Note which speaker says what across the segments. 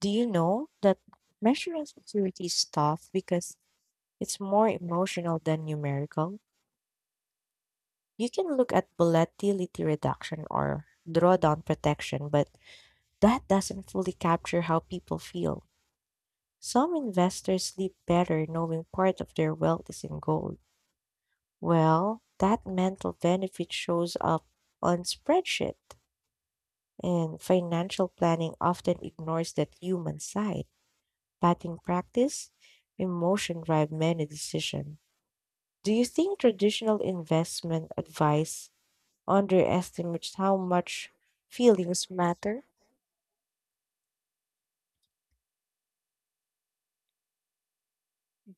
Speaker 1: Do you know that measuring security is tough because it's more emotional than numerical? You can look at volatility reduction or drawdown protection, but that doesn't fully capture how people feel. Some investors sleep better knowing part of their wealth is in gold. Well, that mental benefit shows up on spreadsheet, and financial planning often ignores that human side. Batting practice, emotion drive many decisions. Do you think traditional investment advice underestimates how much feelings matter?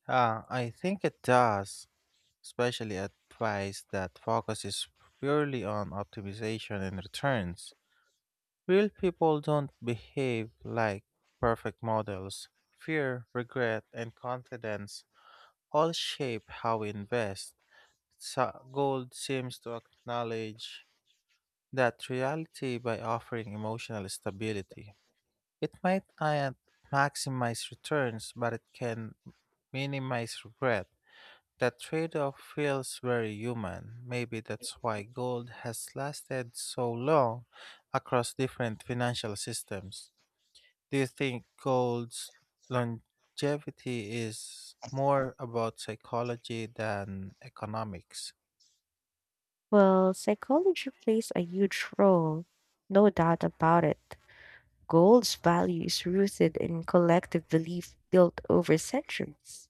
Speaker 2: Ah, I think it does, especially at price that focuses purely on optimization and returns. Real people don't behave like perfect models. Fear, regret, and confidence all shape how we invest. So gold seems to acknowledge that reality by offering emotional stability. It might not maximize returns, but it can minimize regret. That trade-off feels very human. Maybe that's why gold has lasted so long across different financial systems. Do you think gold's longevity is more about psychology than economics?
Speaker 1: Well, psychology plays a huge role, no doubt about it. Gold's value is rooted in collective belief built over centuries.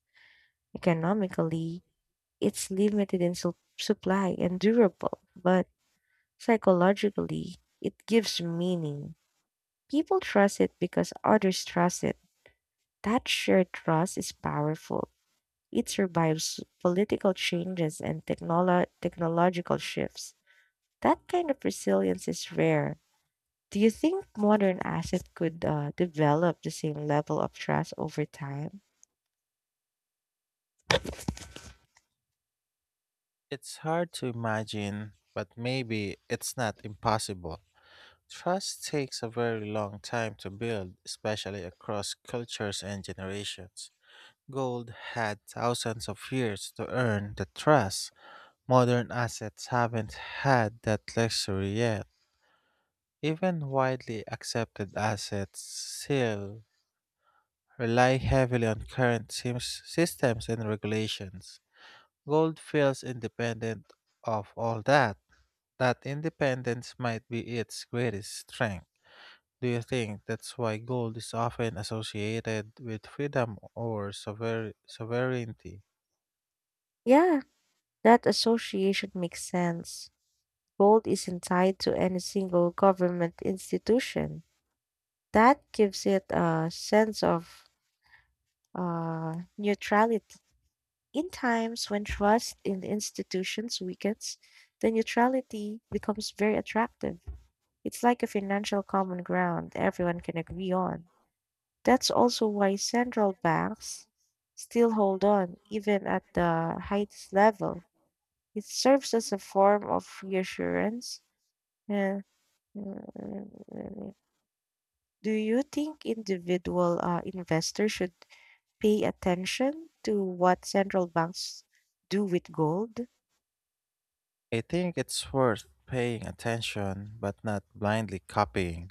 Speaker 1: Economically, it's limited in supply and durable, but psychologically, it gives meaning. People trust it because others trust it. That shared trust is powerful. It survives political changes and technological shifts. That kind of resilience is rare. Do you think modern assets could develop the same level of trust over time?
Speaker 2: It's hard to imagine, but maybe it's not impossible. Trust takes a very long time to build, especially across cultures and generations. Gold had thousands of years to earn the trust. Modern assets haven't had that luxury yet. Even widely accepted assets still rely heavily on current systems and regulations. Gold feels independent of all that. That independence might be its greatest strength. Do you think that's why gold is often associated with freedom or sovereignty?
Speaker 1: Yeah, that association makes sense. Gold isn't tied to any single government institution. That gives it a sense of neutrality. In times when trust in the institutions weakens, the neutrality becomes very attractive. It's like a financial common ground everyone can agree on. That's also why central banks still hold on, even at the highest level. It serves as a form of reassurance. Uh, Do you think individual investors should pay attention to what central banks do with gold?
Speaker 2: I think it's worth paying attention, but not blindly copying.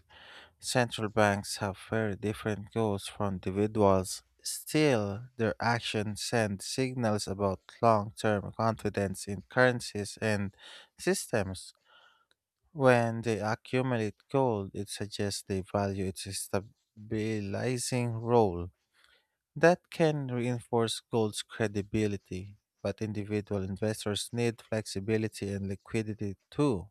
Speaker 2: Central banks have very different goals from individuals. Still, their actions send signals about long term confidence in currencies and systems. When they accumulate gold, it suggests they value its stabilizing role. That can reinforce gold's credibility, but individual investors need flexibility and liquidity too.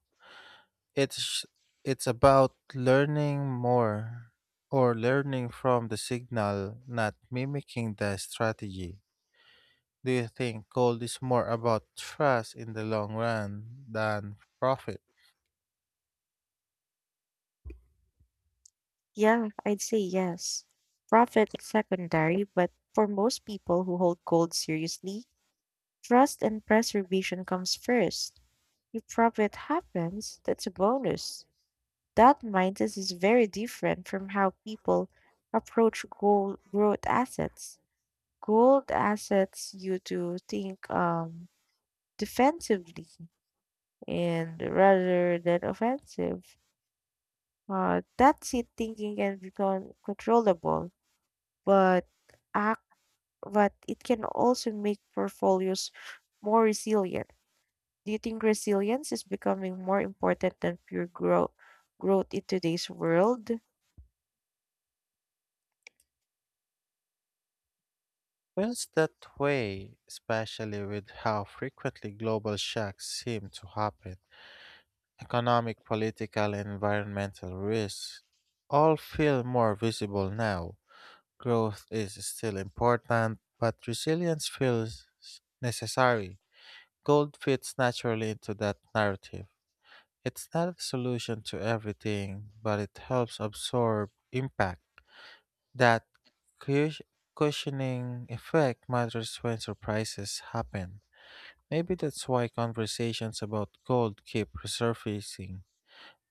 Speaker 2: It's it's about learning more or learning from the signal, not mimicking the strategy. Do you think gold is more about trust in the long run than profit?
Speaker 1: Yeah, I'd say yes. Profit is secondary, but for most people who hold gold seriously, trust and preservation comes first. If profit happens, that's a bonus. That mindset is very different from how people approach gold growth assets. Gold assets you to think defensively and rather than offensive. That's it thinking can become controllable, but it can also make portfolios more resilient. Do you think resilience is becoming more important than pure growth in today's world?
Speaker 2: Feels that way, especially with how frequently global shocks seem to happen. Economic, political, and environmental risks all feel more visible now. Growth is still important, but resilience feels necessary. Gold fits naturally into that narrative. It's not a solution to everything, but it helps absorb impact. That cush- cushioning effect matters when surprises happen. Maybe that's why conversations about gold keep resurfacing.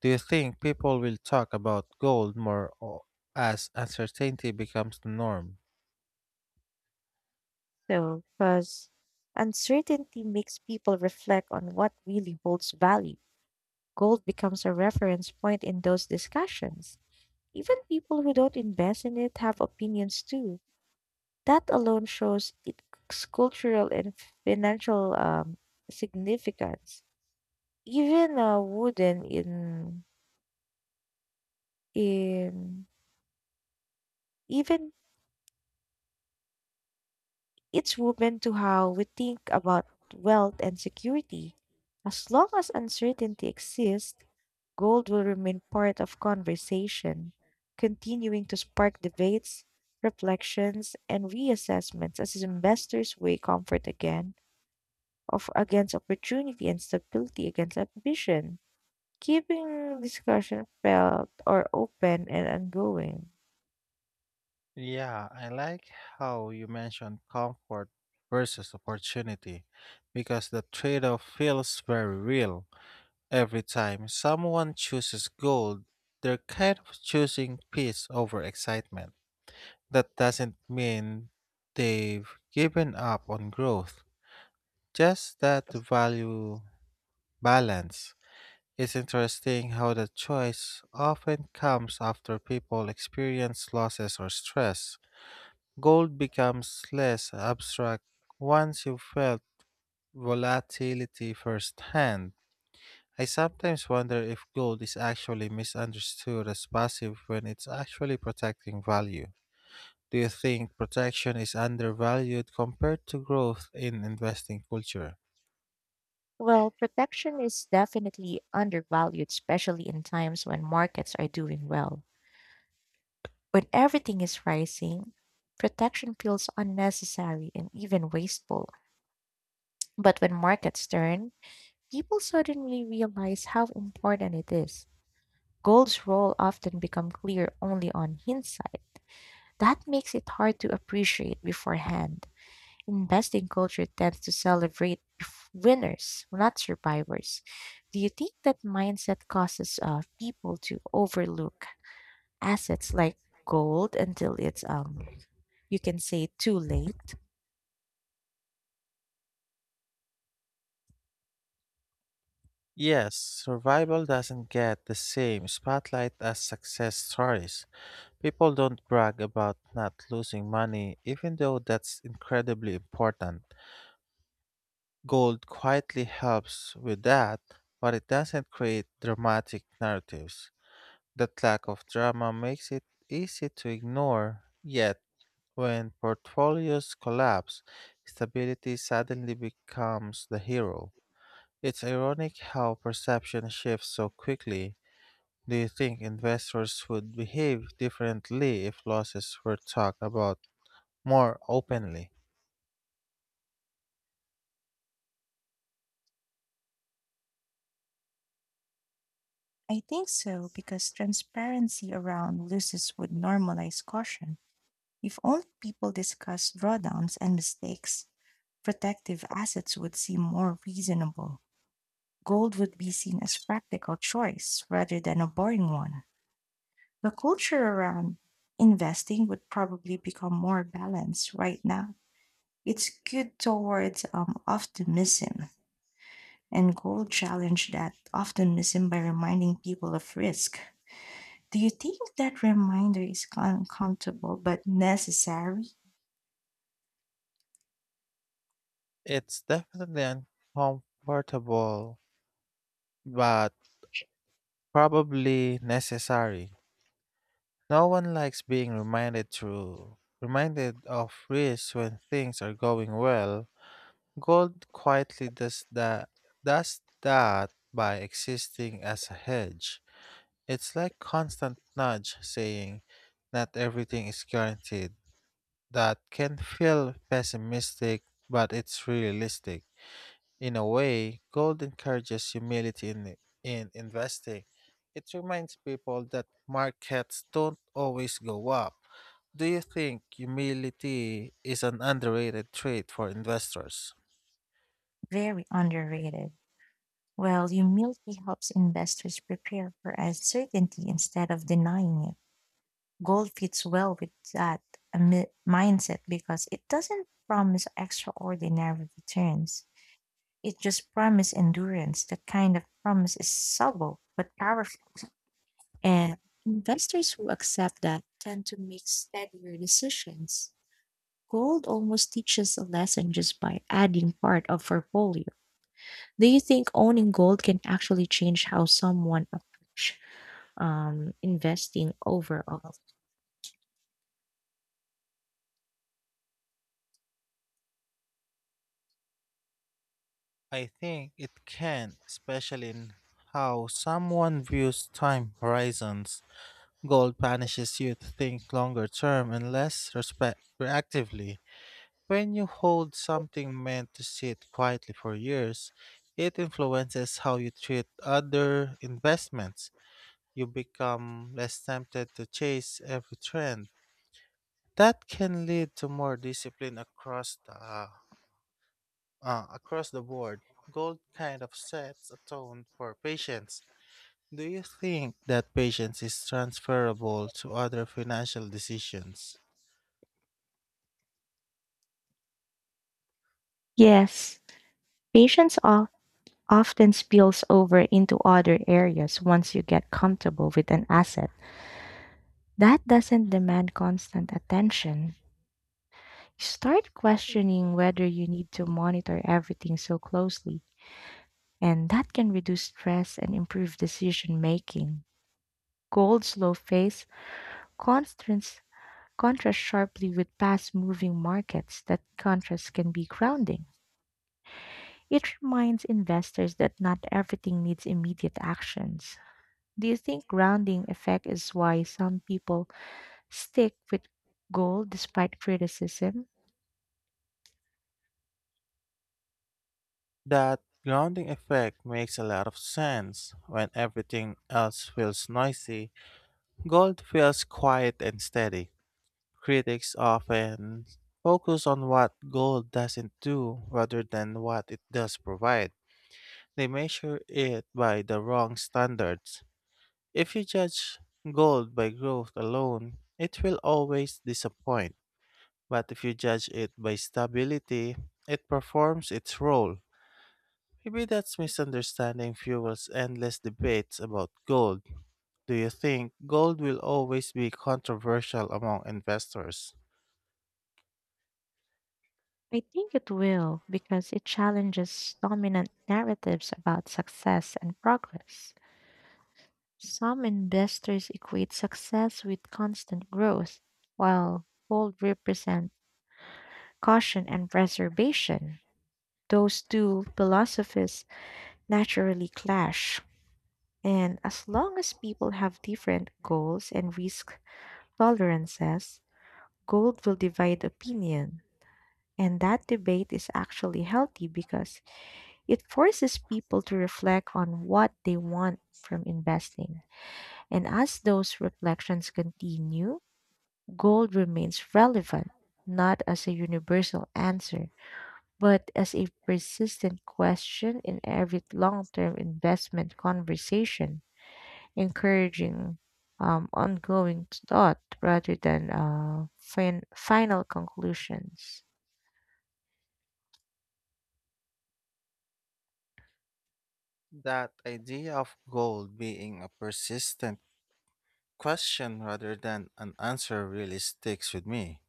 Speaker 2: Do you think people will talk about gold more as uncertainty becomes the norm?
Speaker 1: So, because uncertainty makes people reflect on what really holds value. Gold becomes a reference point in those discussions. Even people who don't invest in it have opinions too. That alone shows its cultural and financial significance. Even a wooden in even it's woven to how we think about wealth and security. As long as uncertainty exists, gold will remain part of conversation, continuing to spark debates, reflections, and reassessments as investors weigh comfort again of against opportunity and stability against ambition, keeping discussion felt or open and ongoing.
Speaker 2: Yeah, I like how you mentioned comfort versus opportunity because the trade off feels very real. Every time someone chooses gold, they're kind of choosing peace over excitement. That doesn't mean they've given up on growth, just that the value balance. It's interesting how the choice often comes after people experience losses or stress. Gold becomes less abstract once you've felt volatility firsthand. I sometimes wonder if gold is actually misunderstood as passive when it's actually protecting value. Do you think protection is undervalued compared to growth in investing culture?
Speaker 1: Well, protection is definitely undervalued, especially in times when markets are doing well. When everything is rising, protection feels unnecessary and even wasteful. But when markets turn, people suddenly realize how important it is. Gold's role often becomes clear only on hindsight. That makes it hard to appreciate beforehand. Investing culture tends to celebrate winners, not survivors. Do you think that mindset causes people to overlook assets like gold until it's you can say too late?
Speaker 2: Yes, survival doesn't get the same spotlight as success stories. People don't brag about not losing money, even though that's incredibly important. Gold quietly helps with that, but it doesn't create dramatic narratives. That lack of drama makes it easy to ignore, yet, when portfolios collapse, stability suddenly becomes the hero. It's ironic how perception shifts so quickly. Do you think investors would behave differently if losses were talked about more openly?
Speaker 1: I think so because transparency around losses would normalize caution. If only people discuss drawdowns and mistakes, protective assets would seem more reasonable. Gold would be seen as practical choice rather than a boring one. The culture around investing would probably become more balanced right now. It's good towards optimism and goal challenge that optimism by reminding people of risk. Do you think that reminder is uncomfortable but necessary?
Speaker 2: It's definitely uncomfortable, but probably necessary. No one likes being reminded of risks when things are going well. Gold quietly does that by existing as a hedge. It's like constant nudge saying not everything is guaranteed. That can feel pessimistic, but it's realistic. In a way, gold encourages humility in investing. It reminds people that markets don't always go up. Do you think humility is an underrated trait for investors?
Speaker 1: Very underrated. Well, humility helps investors prepare for uncertainty instead of denying it. Goal fits well with that mindset because it doesn't promise extraordinary returns. It just promises endurance. That kind of promise is subtle but powerful. And investors who accept that tend to make steadier decisions. Gold almost teaches a lesson just by adding part of portfolio. Do you think owning gold can actually change how someone approach investing overall?
Speaker 2: I think it can, especially in how someone views time horizons. Gold punishes you to think longer term and less reactively. When you hold something meant to sit quietly for years, it influences how you treat other investments. You become less tempted to chase every trend. That can lead to more discipline across the board. Gold kind of sets a tone for patience. Do you think that patience is transferable to other financial decisions?
Speaker 1: Yes, patience often spills over into other areas once you get comfortable with an asset that doesn't demand constant attention. Start questioning whether you need to monitor everything so closely, and that can reduce stress and improve decision making. Gold's slow phase constants contrasts sharply with fast moving markets. That contrast can be grounding. It reminds investors that not everything needs immediate actions. Do you think grounding effect is why some people stick with goal despite criticism?
Speaker 2: That grounding effect makes a lot of sense. When everything else feels noisy, gold feels quiet and steady. Critics often focus on what gold doesn't do rather than what it does provide. They measure it by the wrong standards. If you judge gold by growth alone, it will always disappoint. But if you judge it by stability, it performs its role. Maybe that's misunderstanding fuels endless debates about gold. Do you think gold will always be controversial among investors?
Speaker 1: I think it will because it challenges dominant narratives about success and progress. Some investors equate success with constant growth, while gold represent caution and preservation. Those two philosophies naturally clash. And as long as people have different goals and risk tolerances, gold will divide opinion. And that debate is actually healthy because it forces people to reflect on what they want from investing. And as those reflections continue, gold remains relevant, not as a universal answer, but as a persistent question in every long term investment conversation, encouraging ongoing thought rather than final conclusions.
Speaker 2: That idea of gold being a persistent question rather than an answer really sticks with me.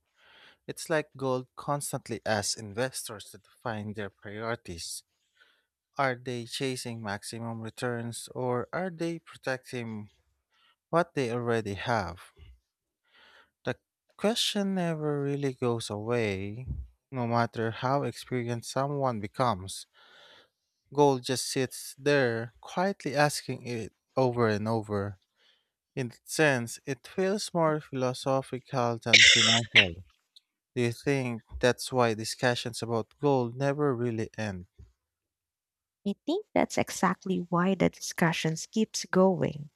Speaker 2: It's like gold constantly asks investors to define their priorities. Are they chasing maximum returns or are they protecting what they already have? The question never really goes away, no matter how experienced someone becomes. Gold just sits there, quietly asking it over and over. In that sense, it feels more philosophical than financial. Do you think that's why discussions about gold never really end?
Speaker 1: I think that's exactly why the discussions keeps going.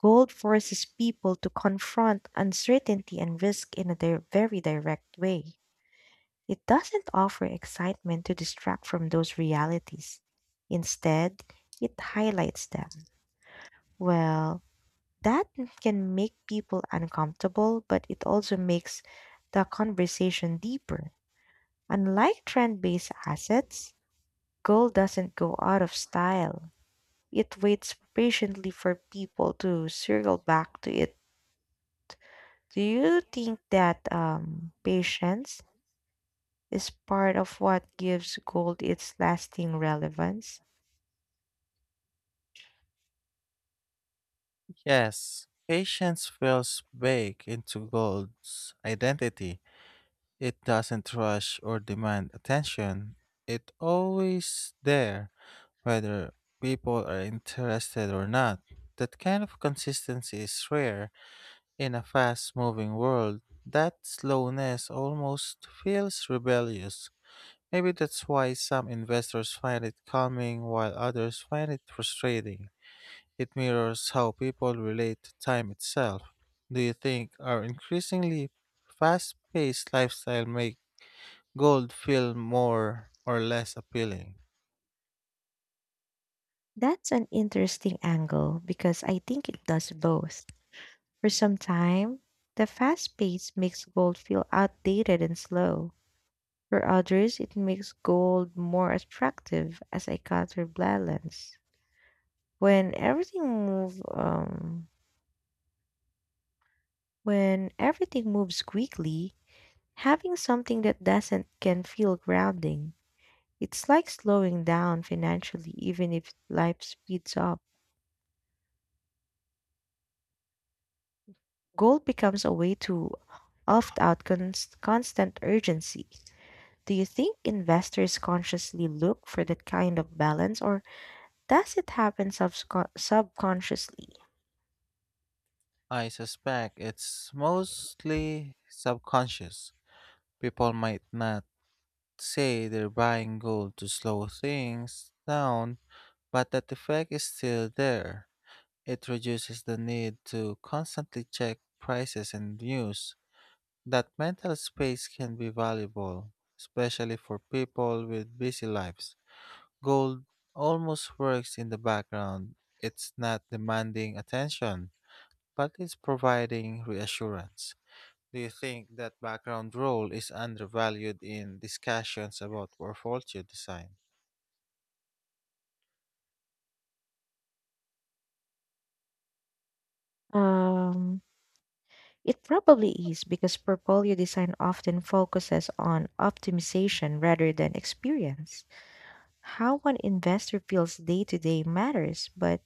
Speaker 1: Gold forces people to confront uncertainty and risk in a very direct way. It doesn't offer excitement to distract from those realities. Instead, it highlights them. Well, that can make people uncomfortable, but it also makes the conversation deeper. Unlike trend based assets, gold doesn't go out of style. It waits patiently for people to circle back to it. Do you think that patience is part of what gives gold its lasting relevance?
Speaker 2: Yes, patience feels baked into gold's identity. It doesn't rush or demand attention. It's always there whether people are interested or not. That kind of consistency is rare in a fast moving world. That slowness almost feels rebellious. Maybe that's why some investors find it calming while others find it frustrating. It mirrors how people relate to time itself. Do you think our increasingly fast paced lifestyle make gold feel more or less appealing?
Speaker 1: That's an interesting angle because I think it does both. For some time, the fast pace makes gold feel outdated and slow. For others, it makes gold more attractive as a counterbalance. When everything moves, um, When everything moves quickly, having something that doesn't can feel grounding. It's like slowing down financially, even if life speeds up. Gold becomes a way to opt out constant urgency. Do you think investors consciously look for that kind of balance, or does it happen subconsciously?
Speaker 2: I suspect it's mostly subconscious. People might not say they're buying gold to slow things down, but that effect is still there. It reduces the need to constantly check prices and news. That mental space can be valuable, especially for people with busy lives. Gold almost works in the background. It's not demanding attention, but it's providing reassurance. Do you think that background role is undervalued in discussions about portfolio design?
Speaker 1: Um, it probably is because portfolio design often focuses on optimization rather than experience. How one investor feels day to day matters, but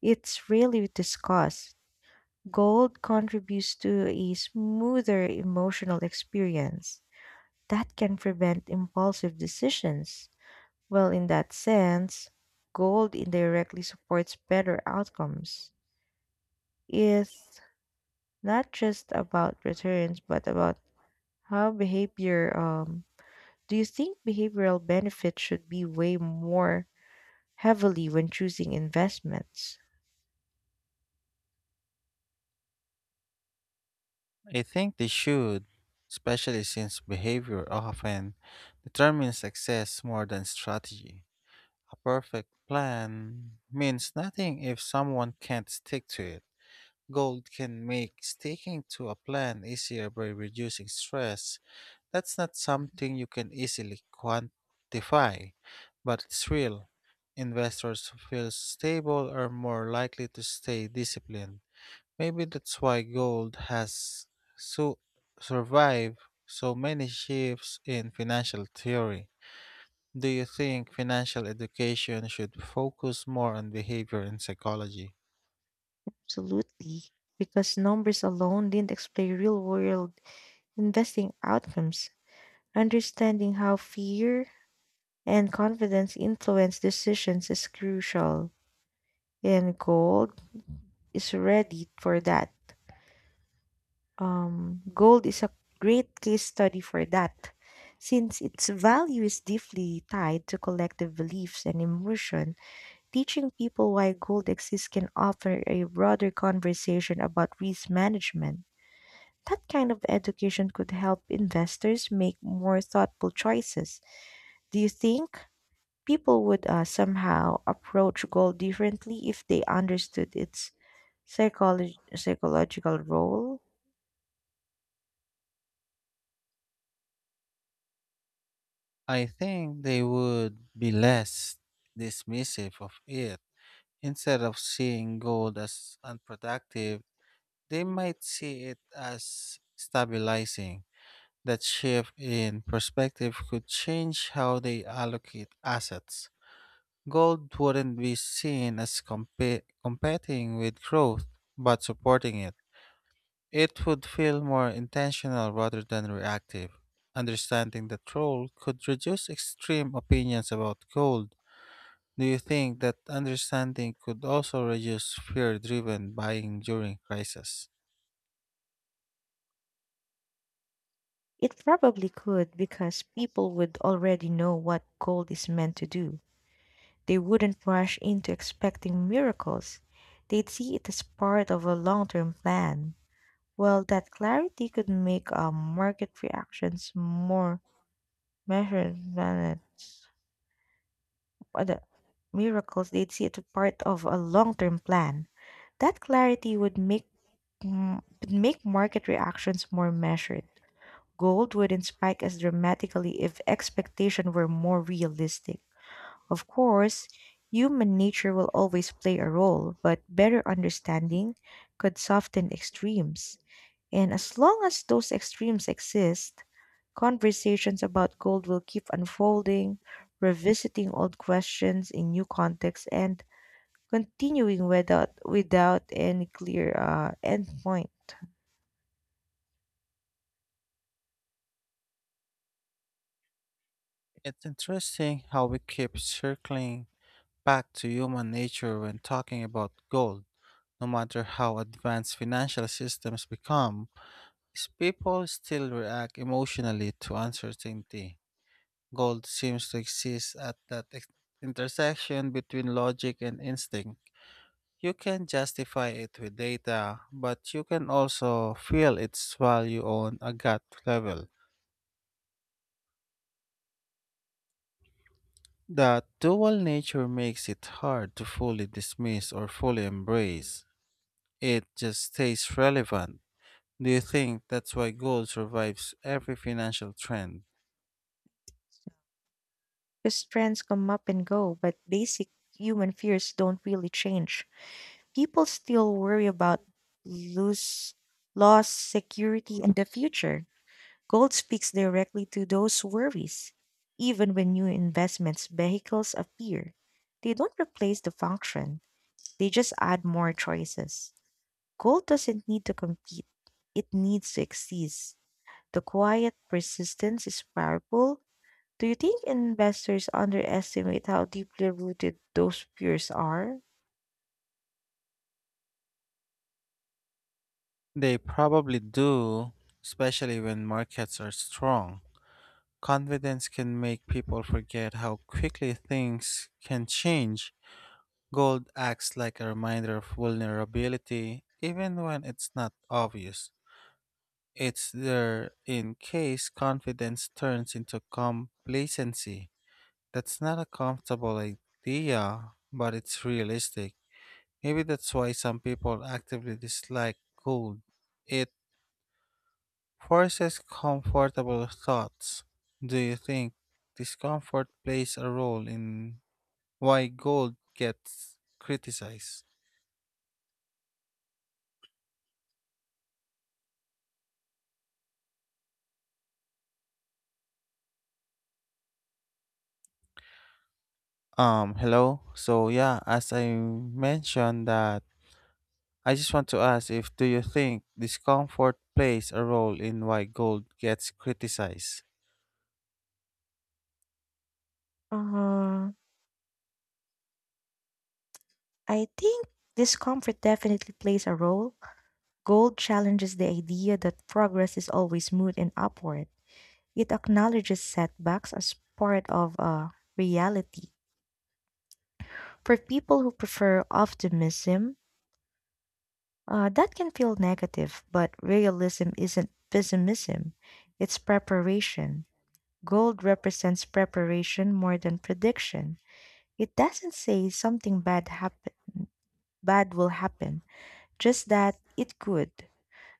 Speaker 1: it's rarely discussed. Gold contributes to a smoother emotional experience that can prevent impulsive decisions. Well, in that sense, gold indirectly supports better outcomes. It's not just about returns, but about how behavior. Do you think behavioral benefits should be way more heavily when choosing investments?
Speaker 2: I think they should, especially since behavior often determines success more than strategy. A perfect plan means nothing if someone can't stick to it. Gold can make sticking to a plan easier by reducing stress. That's not something you can easily quantify, but it's real. Investors who feel stable are more likely to stay disciplined. Maybe that's why gold has so survived so many shifts in financial theory. Do you think financial education should focus more on behavior and psychology?
Speaker 1: Absolutely, because numbers alone didn't explain real world investing outcomes. Understanding how fear and confidence influence decisions is crucial, and gold is ready for that. Gold is a great case study for that, since its value is deeply tied to collective beliefs and emotion. Teaching people why gold exists can offer a broader conversation about risk management. That kind of education could help investors make more thoughtful choices. Do you think people would somehow approach gold differently if they understood its psychological role?
Speaker 2: I think they would be less dismissive of it. Instead of seeing gold as unproductive, they might see it as stabilizing. That shift in perspective could change how they allocate assets. Gold wouldn't be seen as competing with growth, but supporting it. It would feel more intentional rather than reactive. Understanding that role could reduce extreme opinions about gold. Do you think that understanding could also reduce fear driven buying during crisis?
Speaker 1: It probably could because people would already know what gold is meant to do. They wouldn't rush into expecting miracles. They'd see it as part of a long term plan. Well, that clarity could make market reactions more Measured measurements, what the miracles they'd see it as part of a long-term plan. That clarity would make would make market reactions more measured. Gold wouldn't spike as dramatically if expectation were more realistic. Of course, human nature will always play a role, but better understanding could soften extremes. And as long as those extremes exist, conversations about gold will keep unfolding, revisiting old questions in new contexts and continuing without any clear end point.
Speaker 2: It's interesting how we keep circling back to human nature when talking about gold. No matter how advanced financial systems become, people still react emotionally to uncertainty. Gold seems to exist at that intersection between logic and instinct. You can justify it with data, but you can also feel its value on a gut level. That dual nature makes it hard to fully dismiss or fully embrace. It just stays relevant. Do you think that's why gold survives every financial trend?
Speaker 1: Because trends come up and go, but basic human fears don't really change. People still worry about lose loss, security, and the future. Gold speaks directly to those worries. Even when new investments vehicles appear, they don't replace the function, they just add more choices. Gold doesn't need to compete, it needs to exist. The quiet persistence is powerful. Do you think investors underestimate how deeply rooted those fears are?
Speaker 2: They probably do, especially when markets are strong. Confidence can make people forget how quickly things can change. Gold acts like a reminder of vulnerability, even when it's not obvious. It's there in case confidence turns into complacency. That's not a comfortable idea, but it's realistic. Maybe that's why some people actively dislike gold. It forces comfortable thoughts. Do you think discomfort plays a role in why gold gets criticized? Hello. So yeah, as I mentioned that I just want to ask if do you think discomfort plays a role in why gold gets criticized
Speaker 1: Uh, I think discomfort definitely plays a role. Gold challenges the idea that progress is always smooth and upward. It acknowledges setbacks as part of reality. For people who prefer optimism, that can feel negative, but realism isn't pessimism, it's preparation. Gold represents preparation more than prediction. It doesn't say something bad happen bad will happen, just that it could.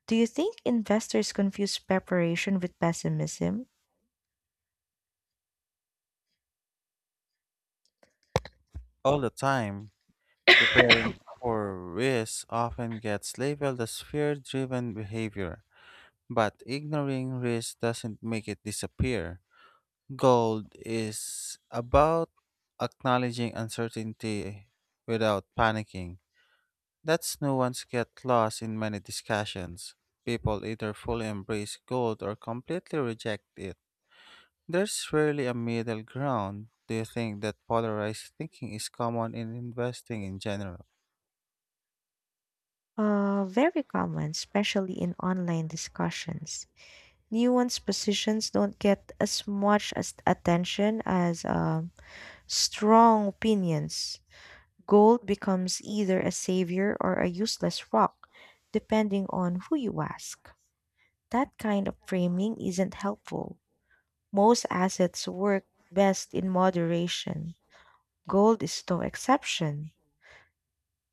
Speaker 1: Do you think investors confuse preparation with pessimism?
Speaker 2: all the time? Preparing for risk often gets labeled as fear-driven behavior, but ignoring risk doesn't make it disappear. Gold is about acknowledging uncertainty without panicking. That's nuance gets lost in many discussions. People either fully embrace gold or completely reject it. There's rarely a middle ground. Do you think that polarized thinking is common in investing in general?
Speaker 1: Very common, especially in online discussions. Nuanced positions don't get as much as attention as strong opinions. Gold becomes either a savior or a useless rock, depending on who you ask. That kind of framing isn't helpful. Most assets work best in moderation. Gold is no exception.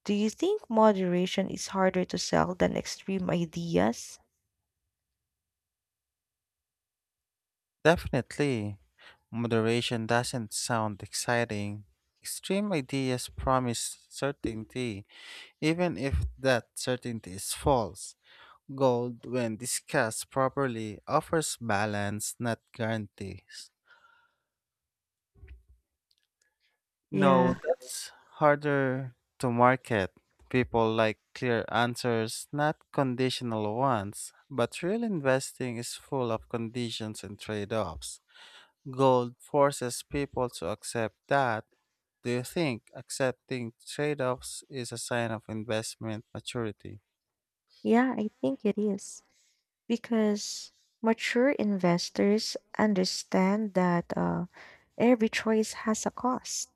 Speaker 1: Do you think moderation is harder to sell than extreme ideas?
Speaker 2: Definitely. Moderation doesn't sound exciting. Extreme ideas promise certainty, even if that certainty is false. Gold, when discussed properly, offers balance, not guarantees.
Speaker 1: Yeah,
Speaker 2: No, that's harder to market. People like clear answers, not conditional ones. But real investing is full of conditions and trade offs. Gold forces people to accept that. Do you think accepting trade offs is a sign of investment maturity?
Speaker 1: yeah, I think it is. Because mature investors understand that every choice has a cost.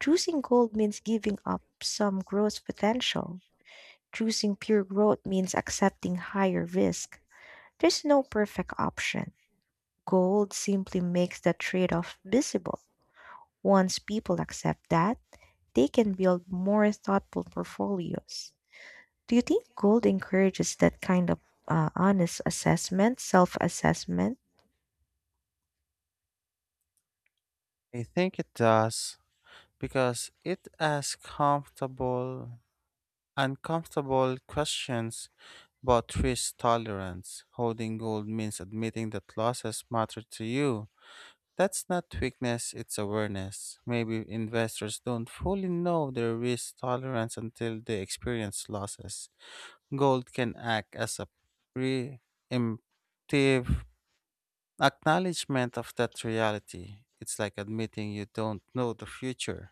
Speaker 1: Choosing gold means giving up some growth potential. Choosing pure growth means accepting higher risk. There's no perfect option. Gold simply makes the trade off visible. Once people accept that, they can build more thoughtful portfolios. Do you think gold encourages that kind of honest assessment, self assessment?
Speaker 2: I think it does, because it's as comfortable uncomfortable questions about risk tolerance. Holding gold means admitting that losses matter to you. That's not weakness, it's awareness. Maybe investors don't fully know their risk tolerance until they experience losses. Gold can act as a preemptive acknowledgement of that reality. It's like admitting you don't know the future.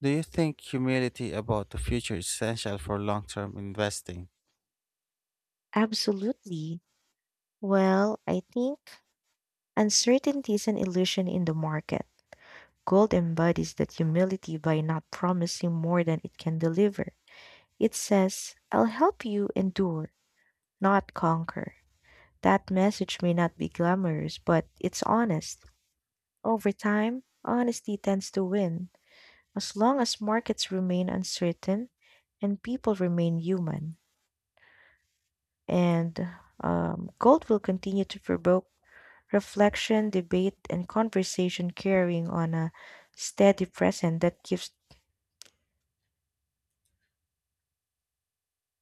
Speaker 2: Do you think humility about the future is essential for long term investing?
Speaker 1: Absolutely. Well, I think uncertainty is an illusion in the market. Gold embodies that humility by not promising more than it can deliver. It says, I'll help you endure, not conquer. That message may not be glamorous, but it's honest. Over time, honesty tends to win, as long as markets remain uncertain and people remain human, and gold will continue to provoke reflection, debate, and conversation, carrying on a steady present that keeps